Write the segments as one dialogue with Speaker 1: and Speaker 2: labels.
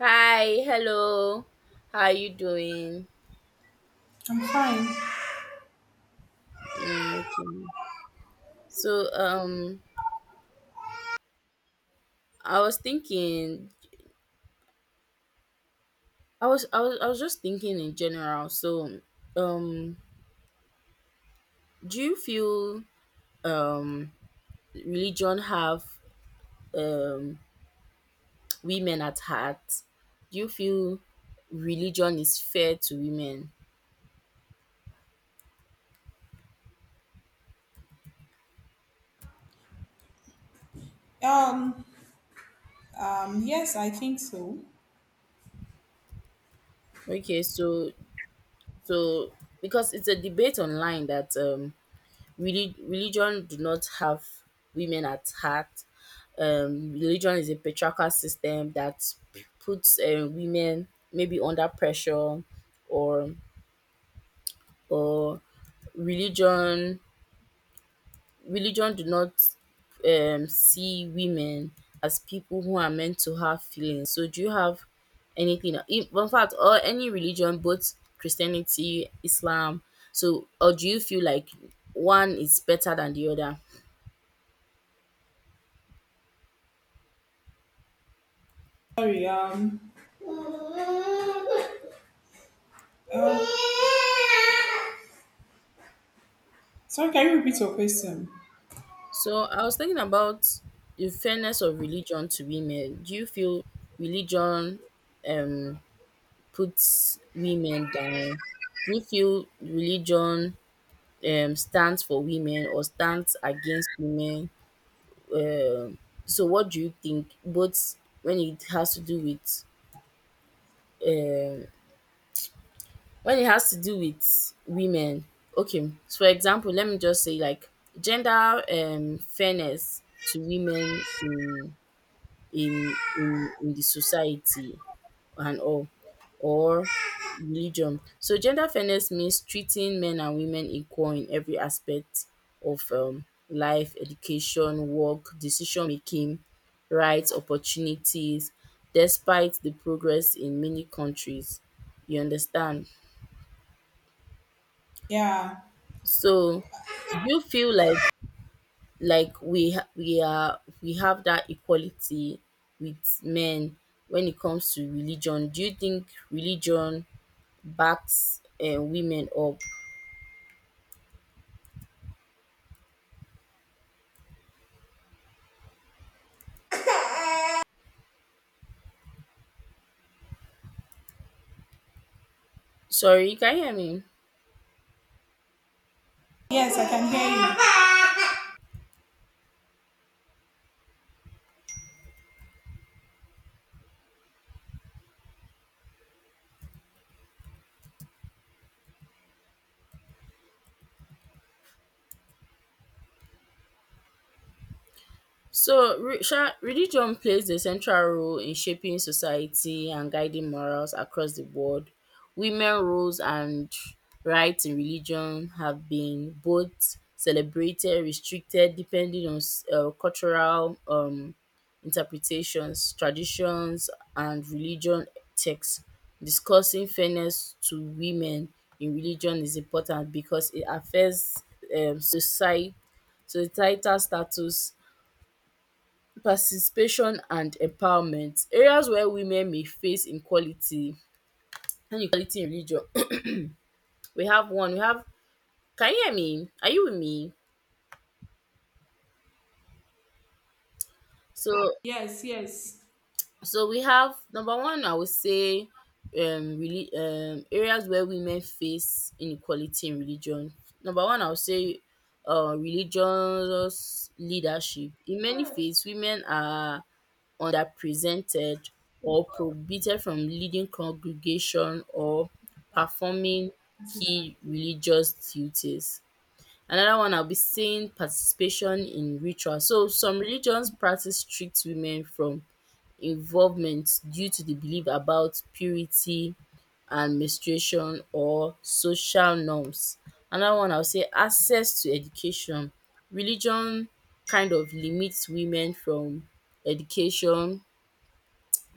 Speaker 1: Hi, hello. How are you doing?
Speaker 2: I'm fine.
Speaker 1: Mm, okay. So, I was thinking. I was, I was, I was just thinking in general. So, um, do you feel um religion have um women at heart? Do you feel religion is fair to women?
Speaker 2: Um, yes, I think so.
Speaker 1: Okay, so because it's a debate online that really religion do not have women at heart. Religion is a patriarchal system that puts women maybe under pressure, or, or religion religion do not see women as people who are meant to have feelings. So do you have anything, in fact, or any religion, both Christianity, Islam? So, or do you feel like one is better than the other?
Speaker 2: Sorry, um, sorry, can you repeat your question?
Speaker 1: So I was thinking about the fairness of religion to women. Do you feel religion um puts women down? Do you feel religion stands for women or stands against women? Um, so what do you think? Both when it has to do with um when it has to do with women. Okay, so for example, let me just say like gender fairness to women in the society and all, or religion. So gender fairness means treating men and women equal in every aspect of life, education, work, decision making, rights, opportunities, despite the progress in many countries. You understand?
Speaker 2: Yeah.
Speaker 1: So do you feel like we ha- we are we have that equality with men? When it comes to religion, do you think religion backs women up? Sorry, can you hear me?
Speaker 2: Yes, I can hear you.
Speaker 1: So, religion plays a central role in shaping society and guiding morals across the world. Women roles and rights in religion have been both celebrated, restricted, depending on cultural, interpretations, traditions, and religion texts. Discussing fairness to women in religion is important because it affects um, society, societal status, participation and empowerment. Areas where women may face equality inequality in religion. We have one, we have Can you hear me? Are you with me? So,
Speaker 2: Yes, yes.
Speaker 1: we have number one, I would say, really areas where women face inequality in religion. Number one, I would say, religious leadership. In many faiths, women are underrepresented or prohibited from leading congregation or performing
Speaker 2: That's it,
Speaker 1: key
Speaker 2: and I think.
Speaker 1: religious duties. Another one na be saying participation in rituals. So some religions practice strict women from involvement due to the belief about purity and menstruation or social norms. Another one I would say, access to education. Religion kind of limit women from education,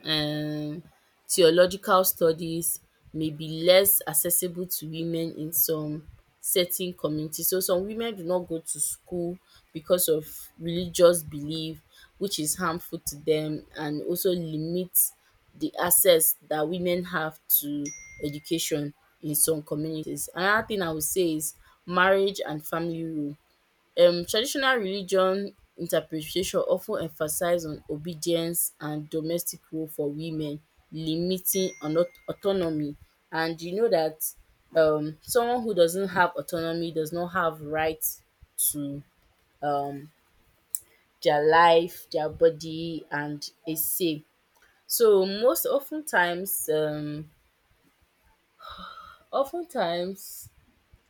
Speaker 1: um theological studies may be less accessible to women in some certain communities. So some women do not go to school because of religious belief, which is harmful to them, and also limits the access that women have to education in some communities. Another thing I would say is marriage and family role. Traditional religion interpretation often emphasize on obedience and domestic role for women, limiting ano autonomy. And you know that someone who doesn't have autonomy does not have right to um their life, their body, and a say. So most of times, of times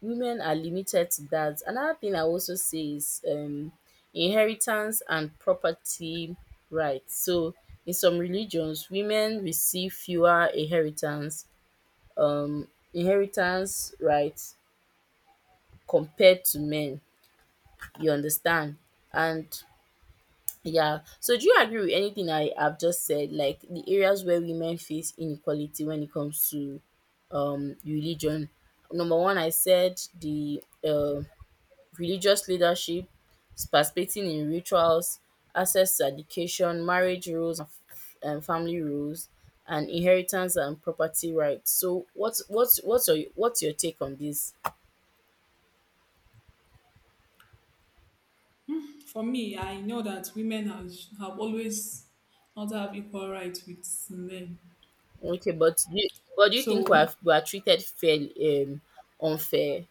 Speaker 1: women are limited to that. Another thing I also say is, inheritance and property rights. So, in some religions, women receive fewer um, inheritance rights compared to men. You understand? And yeah, so do you agree with anything I have just said? Like the areas where women face inequality when it comes to religion. Number one, I said the religious leadership, participating in rituals, access to education, marriage rules and family rules, and inheritance and property rights. So what's your take on this?
Speaker 2: For me, I know that have always not have equal rights with men.
Speaker 1: Okay, but but do you think we
Speaker 2: So,
Speaker 1: are treated fair, unfair?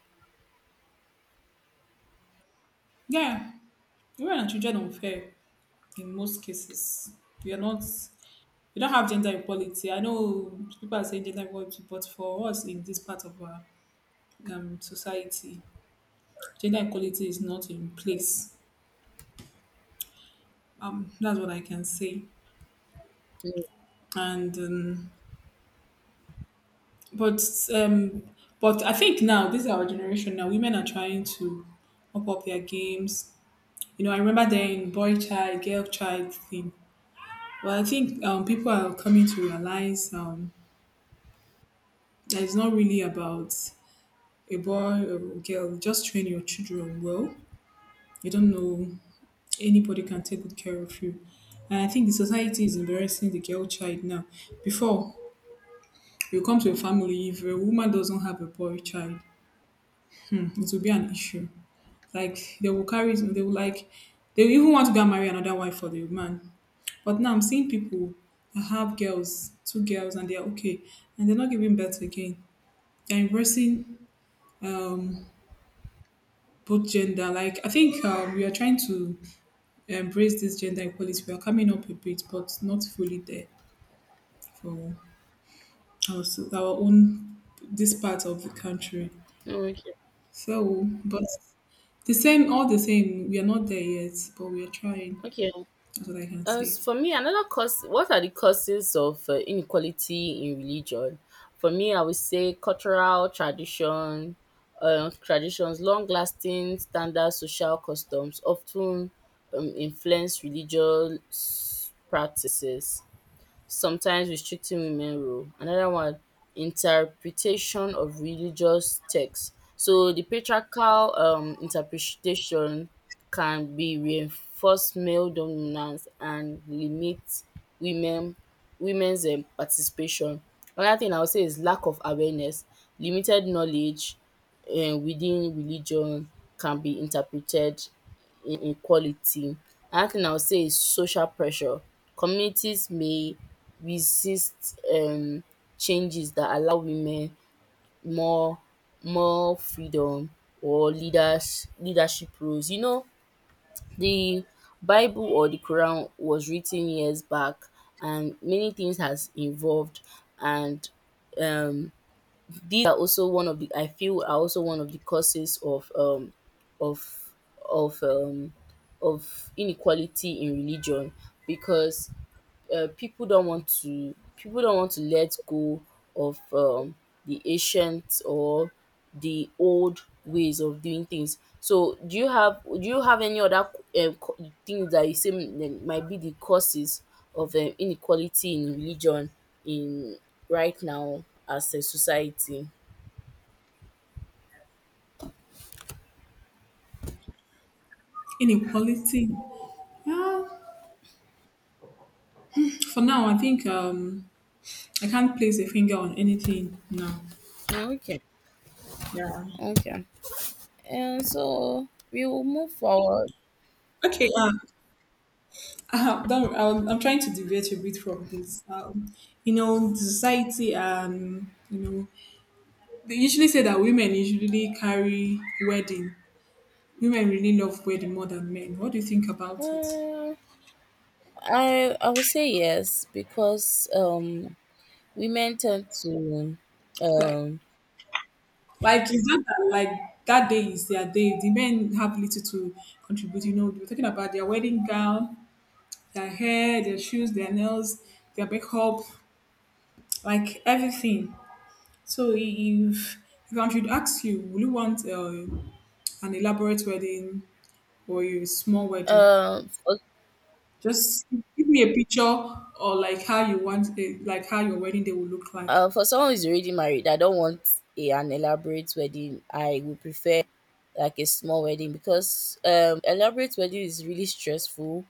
Speaker 2: yeah, women and children are fair, in most cases. We are not We don't have gender equality. I know people are saying gender equality, but for us in this part of our society, gender equality is not in place. That's what I can say.
Speaker 1: Mm.
Speaker 2: And but um, but I think now this is our generation. Now women are trying to up their games. You know, I remember then boy child, girl child thing. But I think people are coming to realize that it's not really about a boy or a girl, just train your children well. You don't know anybody can take good care of you. And I think the society is embarrassing the girl child now. Before you come to a family, if a woman doesn't have a boy child, mm, it will be an issue. Like they will carry it, they will even want to go and marry another wife for the man. But now I'm seeing people that have girls, two girls, and they are okay, and they're not giving birth again. They're embracing um, both gender. Like I think we are trying to embrace this gender equality. We are coming up a bit, but not fully there for our, our own this part of the country.
Speaker 1: Okay.
Speaker 2: So, but the same, all the same, we are not there yet, but we are trying.
Speaker 1: Okay.
Speaker 2: That's what I can
Speaker 1: As
Speaker 2: say.
Speaker 1: for me, another cause what are the causes of inequality in religion? For me, I would say cultural traditions, long-lasting standard social customs often influence religious practices, sometimes restricting women role. Another one, interpretation of religious text. So the patriarchal interpretation can be reinforce male dominance and limit women women's participation. Another thing I would say is lack of awareness. Limited knowledge within religion can be interpreted in equality. Another thing I would say is social pressure. Communities may resist changes that allow women more more freedom or leadership roles. You know, the Bible or the Quran was written years back, and many things has evolved. And um these are also one of the I feel are also one of the causes of of um of inequality in religion, because people don't want to let go of, the ancient or the old ways of doing things. So do you have, any other, um, co- things that you say, that might be the causes of inequality in religion, in right now, as a society?
Speaker 2: Inequality. Yeah. For now, I think I can't place a finger on anything now.
Speaker 1: Okay,
Speaker 2: Yeah.
Speaker 1: okay. And so we will move forward.
Speaker 2: Okay. Don't, I'm trying to deviate a bit from this. You know, the society and you know they usually say that women usually carry wedding. Women really love wedding more than men. What do you think about it?
Speaker 1: Uh, I I would say yes, because women tend to —
Speaker 2: Like,
Speaker 1: um
Speaker 2: like is that, that like that day is their day. The men have little to contribute. You know, we're talking about their wedding gown, their hair, their shoes, their nails, their makeup, like everything. So if I should ask you, will you want an elaborate wedding or a small wedding?
Speaker 1: um for,
Speaker 2: Just give me a picture or like how you want it, like how your wedding day will look like.
Speaker 1: for someone who's already married, I don't want an elaborate wedding. I would prefer like a small wedding, because elaborate wedding is really stressful.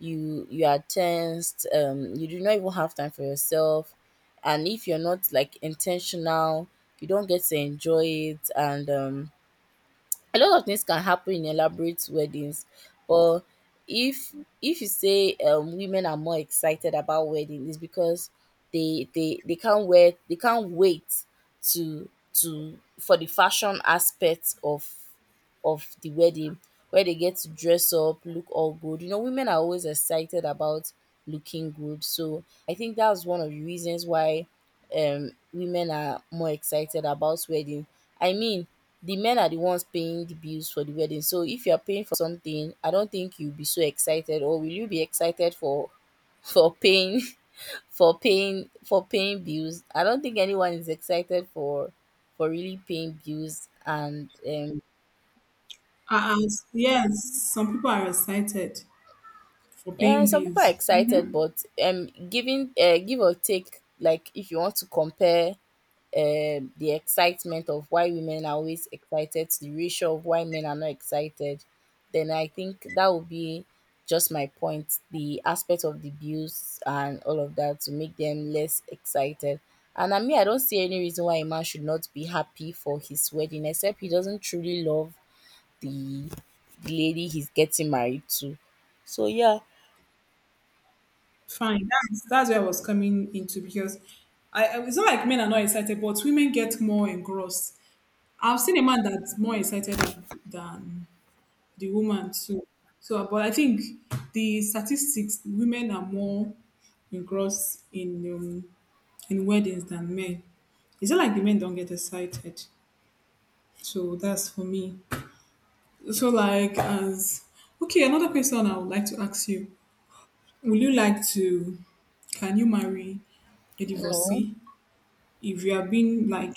Speaker 1: You are tensed. You do not even have time for yourself, and if you're not like intentional, you don't get to enjoy it. And a lot of things can happen in elaborate weddings. But if if you say, women are more excited about wedding, is because they can't wait to for the fashion aspect of the wedding, where they get to dress up, look all good. You know, women are always excited about looking good, so I think that's one of the reasons why, women are more excited about wedding. I mean, the men are the ones paying the bills for the wedding. So if you're paying for something, I don't think you'll be so excited. Or will you be excited for for paying for paying bills? I don't think anyone is excited for really paying bills. And
Speaker 2: Yes, some people are excited for
Speaker 1: yeah,
Speaker 2: paying
Speaker 1: some people are
Speaker 2: bills.
Speaker 1: excited,
Speaker 2: Mm-hmm.
Speaker 1: but giving give or take, like, if you want to compare the excitement of why women are always excited to the ratio of why men are not excited, then I think that would be just my point. The aspect of the bills and all of that to make them less excited. And I mean, I don't see any reason why a man should not be happy for his wedding, except he doesn't truly love the the lady he's getting married to. So yeah,
Speaker 2: Fine, that's where I was coming into because it's not like men are not excited, but women get more engrossed. I've seen a man that's more excited than the woman too. So, but I think the statistics, women are more engrossed in weddings than men. It's not like the men don't get excited. So that's for me. So like as Okay, another question I would like to ask you. Would you like to Can you marry a
Speaker 1: no.
Speaker 2: divorcee? If you have been like,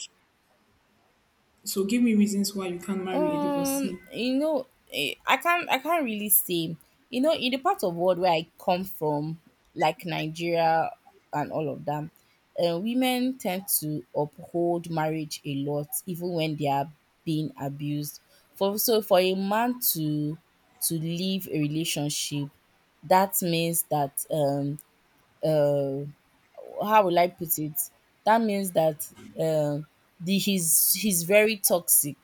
Speaker 2: so give me reasons why you can't marry a
Speaker 1: Um,
Speaker 2: divorcee.
Speaker 1: you know, I can't I can't really say. You know, in the part of world where I come from, like Nigeria and all of them, women tend to uphold marriage a lot, even when they are being abused. For a man to leave a relationship, that means that — uh how will I put it? That means that, um the he's very toxic.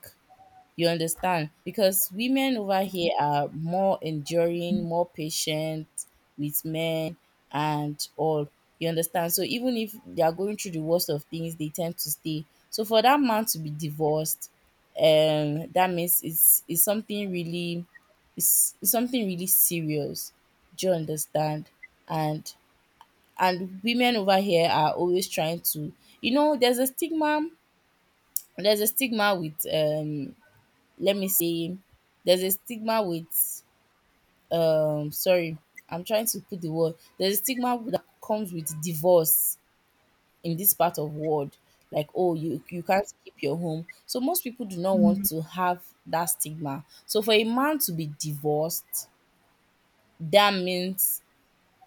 Speaker 1: You understand? Because women over here are more enduring, more patient with men and all. You understand? So even if they are going through the worst of things, they tend to stay. So for that man to be divorced, that means it's something really — it's something really serious. Do you understand? And women over here are always trying to, you know. There's a stigma with, let me say, there's a stigma with — sorry, I'm trying to put the word. There's a stigma that comes with divorce in this part of world, like, oh, you can't keep your home. So most people do not want to have that stigma. So for a man to be divorced, that means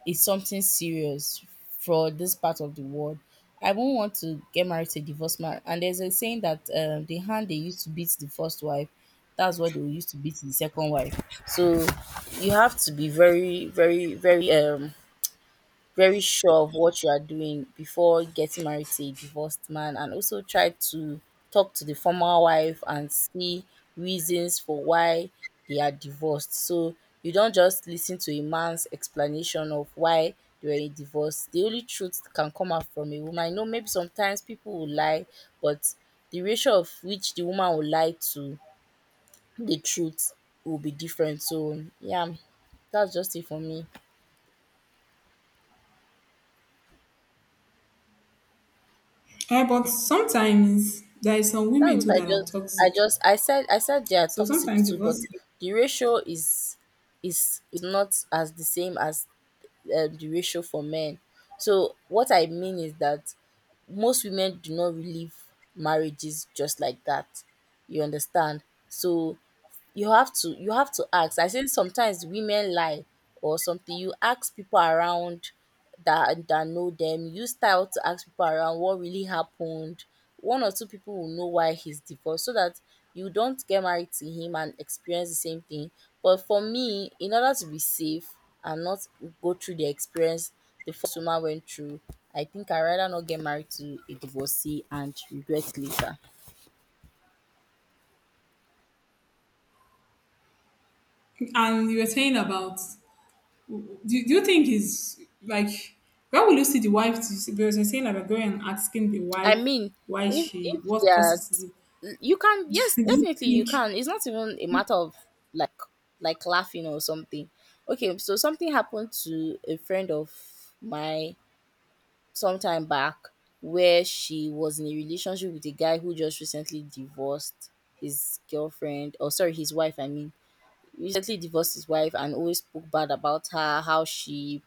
Speaker 1: is something serious for this part of the world. I won't want to get married to a divorced man. And there's a saying that, the hand they used to beat the first wife, that's what they will use to beat the second wife. So you have to be very, very, very, very sure of what you are doing before getting married to a divorced man, and also try to talk to the former wife and see reasons for why they are divorced. So you don't just listen to a man's explanation of why they were in divorce. The only truth can come out from a woman. I know maybe sometimes people will lie, but the ratio of which the woman will lie to the truth will be different. So yeah, that's just it for me.
Speaker 2: Eh, but sometimes there is some
Speaker 1: That's
Speaker 2: women
Speaker 1: what
Speaker 2: too that are toxic.
Speaker 1: I said, they are
Speaker 2: So
Speaker 1: toxic
Speaker 2: sometimes
Speaker 1: too.
Speaker 2: divorce.
Speaker 1: But the ratio is not as the same as, the ratio for men. So what I mean is that most women do not relive marriages just like that. You understand? So you have to ask. I think sometimes women lie or something. You ask people around that know them. Use style to ask people around what really happened. One or two people will know why he's divorced so that you don't get married to him and experience the same thing. But for me, in order to be safe and not go through the experience the first woman went through, I think I rather not get married to a divorcee and regret later.
Speaker 2: And you were saying about, do, do you think is like where will you see the wife to see? Because you're saying like going and asking the
Speaker 1: I
Speaker 2: wife
Speaker 1: mean,
Speaker 2: why
Speaker 1: if
Speaker 2: she
Speaker 1: if
Speaker 2: what
Speaker 1: that
Speaker 2: causes the.
Speaker 1: you can,
Speaker 2: What
Speaker 1: yes,
Speaker 2: do you
Speaker 1: definitely you
Speaker 2: think.
Speaker 1: can. It's not even a matter of like like laughing or something. Okay, so something happened to a friend of my sometime back, where she was in a relationship with a guy who just recently divorced his girlfriend, or sorry, his wife, I mean. Recently divorced his wife and always spoke bad about her, how she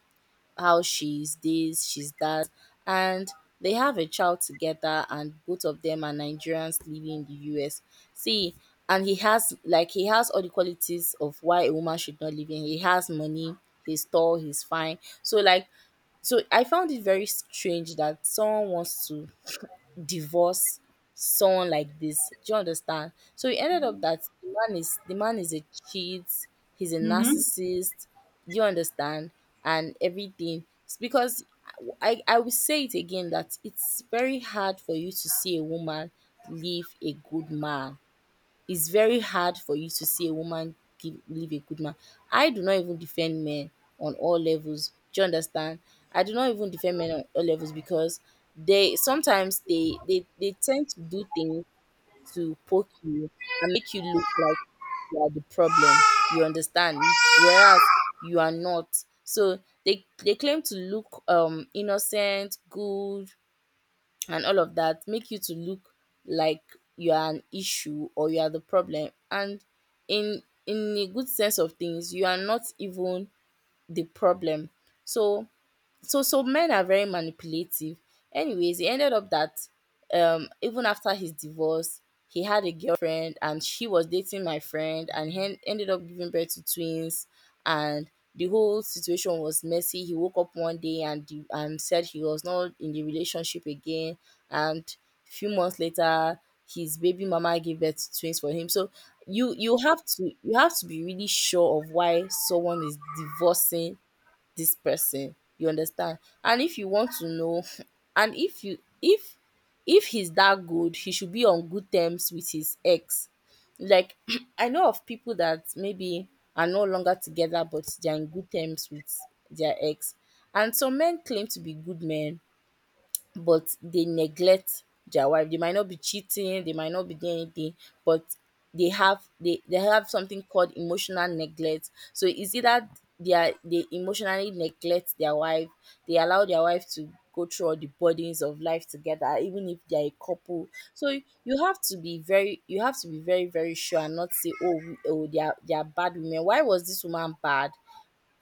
Speaker 1: how she's this, she's that, and they have a child together, and both of them are Nigerians living in the US. See, and he has all the qualities of why a woman should not live in. He has money, he's tall, he's fine. So I found it very strange that someone wants to divorce someone like this. Do you understand? So it ended up that the man is a cheat, he's a
Speaker 2: Hmm.
Speaker 1: narcissist. Do you understand? And everything, it's because I will say it again that it's very hard for you to see a woman leave a good man. It's very hard for you to see a woman leave a good man. I do not even defend men on all levels. Do you understand? I do not even defend men on all levels because they sometimes, they tend to do things to poke you and make you look like you are the problem. You understand? Whereas you are not. So they claim to look innocent, good, and all of that, make you to look like you are an issue or you are the problem. And in a good sense of things, you are not even the problem. So men are very manipulative. Anyways, it ended up that even after his divorce, he had a girlfriend and she was dating my friend, and he ended up giving birth to twins. And the whole situation was messy. He woke up one day and said he was not in the relationship again, and few months later his baby mama gave birth to twins for him. So you have to be really sure of why someone is divorcing this person. You understand? And if you want to know, and if you if he's that good, he should be on good terms with his ex. Like I know of people that maybe are no longer together but they're in good terms with their ex. And some men claim to be good men but they neglect their wife. They might not be cheating, they might not be doing anything, but they have something called emotional neglect. So is it that they emotionally neglect their wife, they allow their wife to go through all the burdens of life together, even if they are a couple. So you have to be very you have to be very, very sure, and not say, "Oh, oh they are bad women. Why was this woman bad?"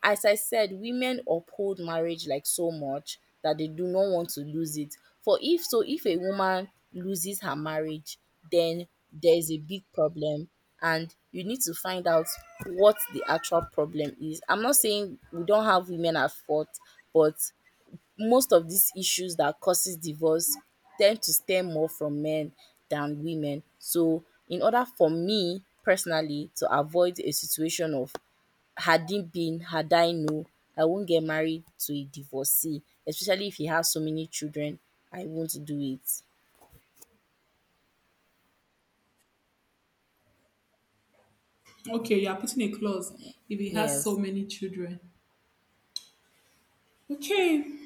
Speaker 1: As I said, women uphold marriage like so much that they do not want to lose it. For if so, if a woman loses her marriage, then there is a big problem and you need to find out what the actual problem is. I'm not saying we don't have women at fault, but most of these issues that causes divorce tend to stem more from men than women. So in order for me personally to avoid a situation of had it been, had I known, I won't get married to a divorcee, especially if he has so many children. I won't do it.
Speaker 2: Okay, you are putting a clause if he has so
Speaker 1: Yes.
Speaker 2: many children. Okay,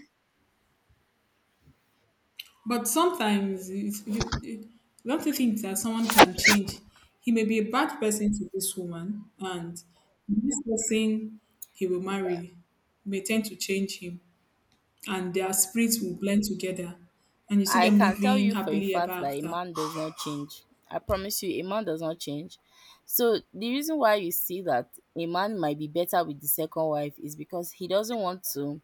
Speaker 2: but sometimes don't you think that someone can change? He may be a bad person to this woman, and this person he will marry may tend to change him, and their spirits will blend together, and you see
Speaker 1: I
Speaker 2: them
Speaker 1: can tell
Speaker 2: living
Speaker 1: you for a
Speaker 2: happily ever
Speaker 1: fact that a
Speaker 2: after.
Speaker 1: man does not change. I promise you, a man does not change. So the reason why you see that a man might be better with the second wife is because he doesn't want to.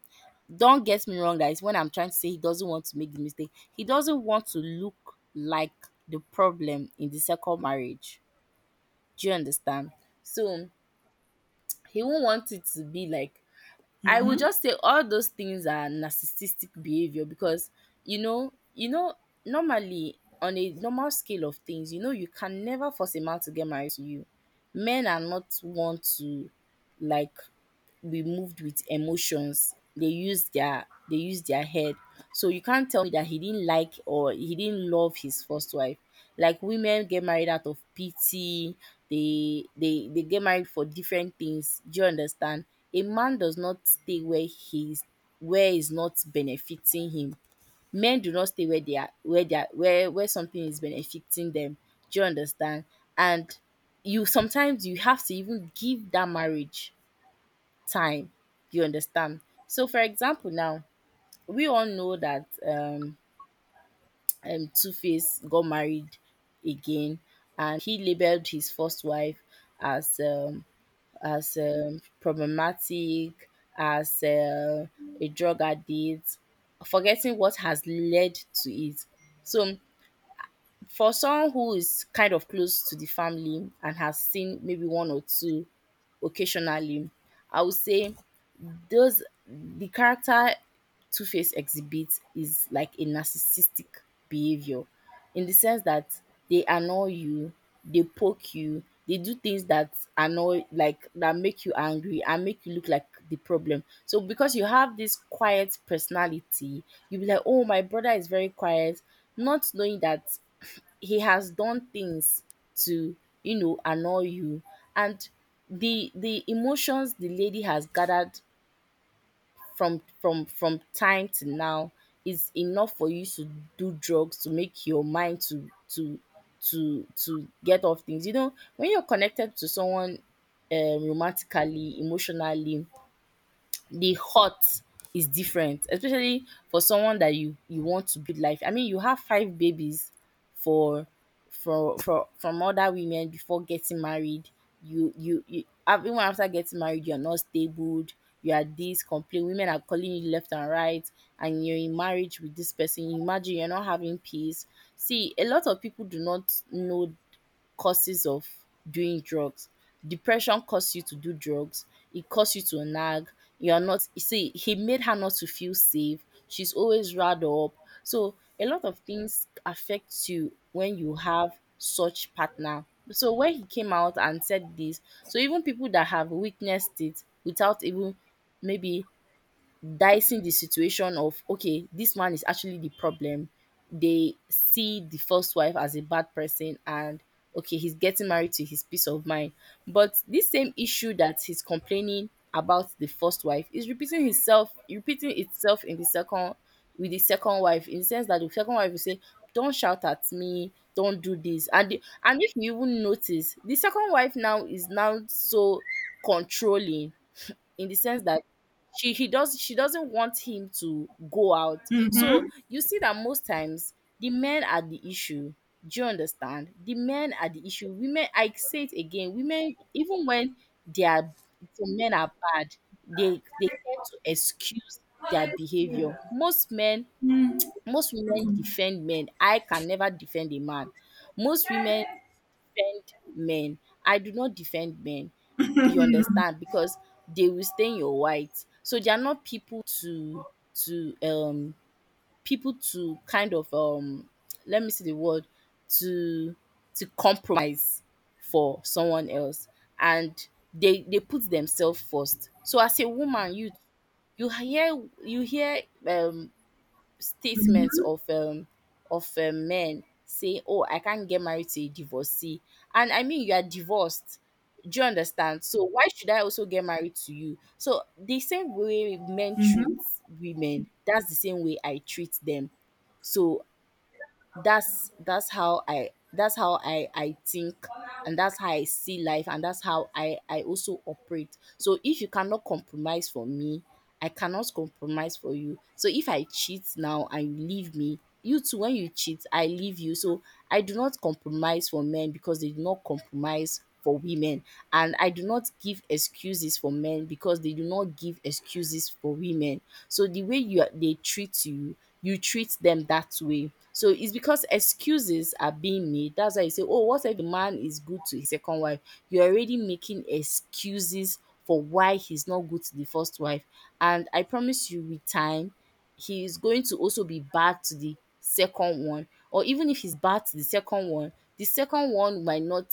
Speaker 1: Don't get me wrong, guys. When I'm trying to say, he doesn't want to make the mistake, he doesn't want to look like the problem in the second marriage. Do you understand? So he won't want it to be like, I would
Speaker 2: Hmm.
Speaker 1: just say all those things are narcissistic behavior because, you know, you know, normally on a normal scale of things, you can never force a man to get married to you. Men are not want to, like, be moved with emotions. They use their head. So you can't tell me that he didn't like or he didn't love his first wife. Like, women get married out of pity. They get married for different things. Do you understand? A man does not stay where is not benefiting him. Men do not stay where they are where they are where something is benefiting them. Do you understand? And you sometimes you have to even give that marriage time, you understand? So for example now, we all know that Two-Face got married again, and he labeled his first wife as um as problematic, as a drug addict, forgetting what has led to it. So for someone who is kind of close to the family and has seen maybe one or two occasionally, I would say those the character Two Face exhibits is like a narcissistic behavior, in the sense that they annoy you, they poke you, they do things that annoy like that make you angry and make you look like the problem. So because you have this quiet personality, you'll be like, "Oh, my brother is very quiet," not knowing that he has done things to, annoy you. And the emotions the lady has gathered from time to now is enough for you to do drugs, to make your mind to get off things. You know, when you're connected to someone, romantically, emotionally, the hurt is different, especially for someone that you want to build life. I mean, you have five babies for for from other women before getting married. Even after getting married, you are not stable. You are this complain. Women are calling you left and right, and you're in marriage with this person. You imagine you're not having peace. See, a lot of people do not know causes of doing drugs. Depression causes you to do drugs. It causes you to nag. You are not, you see, he made her not to feel safe. She's always riled up. So a lot of things affect you when you have such partner. So when he came out and said this, so even people that have witnessed it, without even maybe dicing the situation of, okay, this man is actually the problem, they see the first wife as a bad person and, okay, he's getting married to his peace of mind. But this same issue that he's complaining about the first wife is repeating itself in the second with the second wife, in the sense that the second wife will say, "Don't shout at me, don't do this." And if you even notice, the second wife now is now so controlling, in the sense that she doesn't want him to go out. So you see that most times the men are the issue. Do you understand? The men are the issue. Women, I say it again, women, even when they are some men are bad, they tend to excuse their behavior. Most women defend men. I can never defend a man. Most women defend men. I do not defend men. You understand? Because they will stain your white. So they are not people to, to um people to kind of, let me see the word, to compromise for someone else, and they put themselves first. So as a woman, you, you hear statements of men say, "Oh, I can't get married to a divorcee," and I mean, you are divorced. Do you understand? So why should I also get married to you? So the same way men treat women, that's the same way I treat them. So that's, that's how I think, and that's how I see life, and that's how I also operate. So if you cannot compromise for me, I cannot compromise for you. So if I cheat now and you leave me, you too when you cheat, I leave you. So I do not compromise for men because they do not compromise for women, and I do not give excuses for men because they do not give excuses for women. So the way you are they treat you, you treat them that way. So it's because excuses are being made. That's why you say, "Oh, what if the man is good to his second wife?" You're already making excuses for why he's not good to the first wife. And I promise you, with time he is going to also be bad to the second one. Or even if he's bad to the second one, the second one might not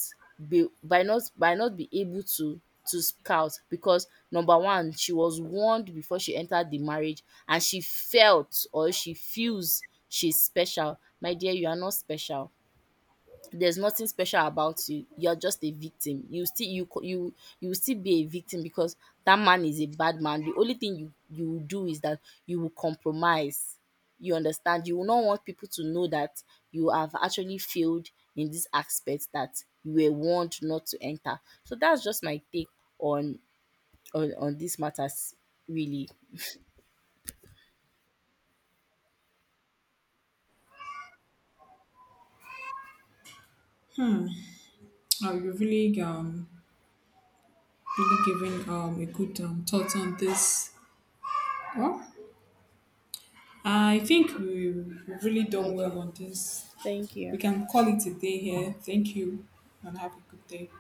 Speaker 1: be, might not be able to speak out, because number one, she was warned before she entered the marriage and she felt or she feels she's special. My dear, you are not special. There's nothing special about you. You're just a victim. You still, you co- you will still be a victim, because that man is a bad man. The only thing you will do is that you will compromise, you understand, you will not want people to know that you have actually failed in this aspect that you were warned not to enter. So that's just my take on, on these matters, really.
Speaker 2: You really really given a good thought on this. Well, I think we've really done
Speaker 1: Okay.
Speaker 2: well on this.
Speaker 1: Thank
Speaker 2: We
Speaker 1: you.
Speaker 2: can call it a day here. Thank you and have a good day.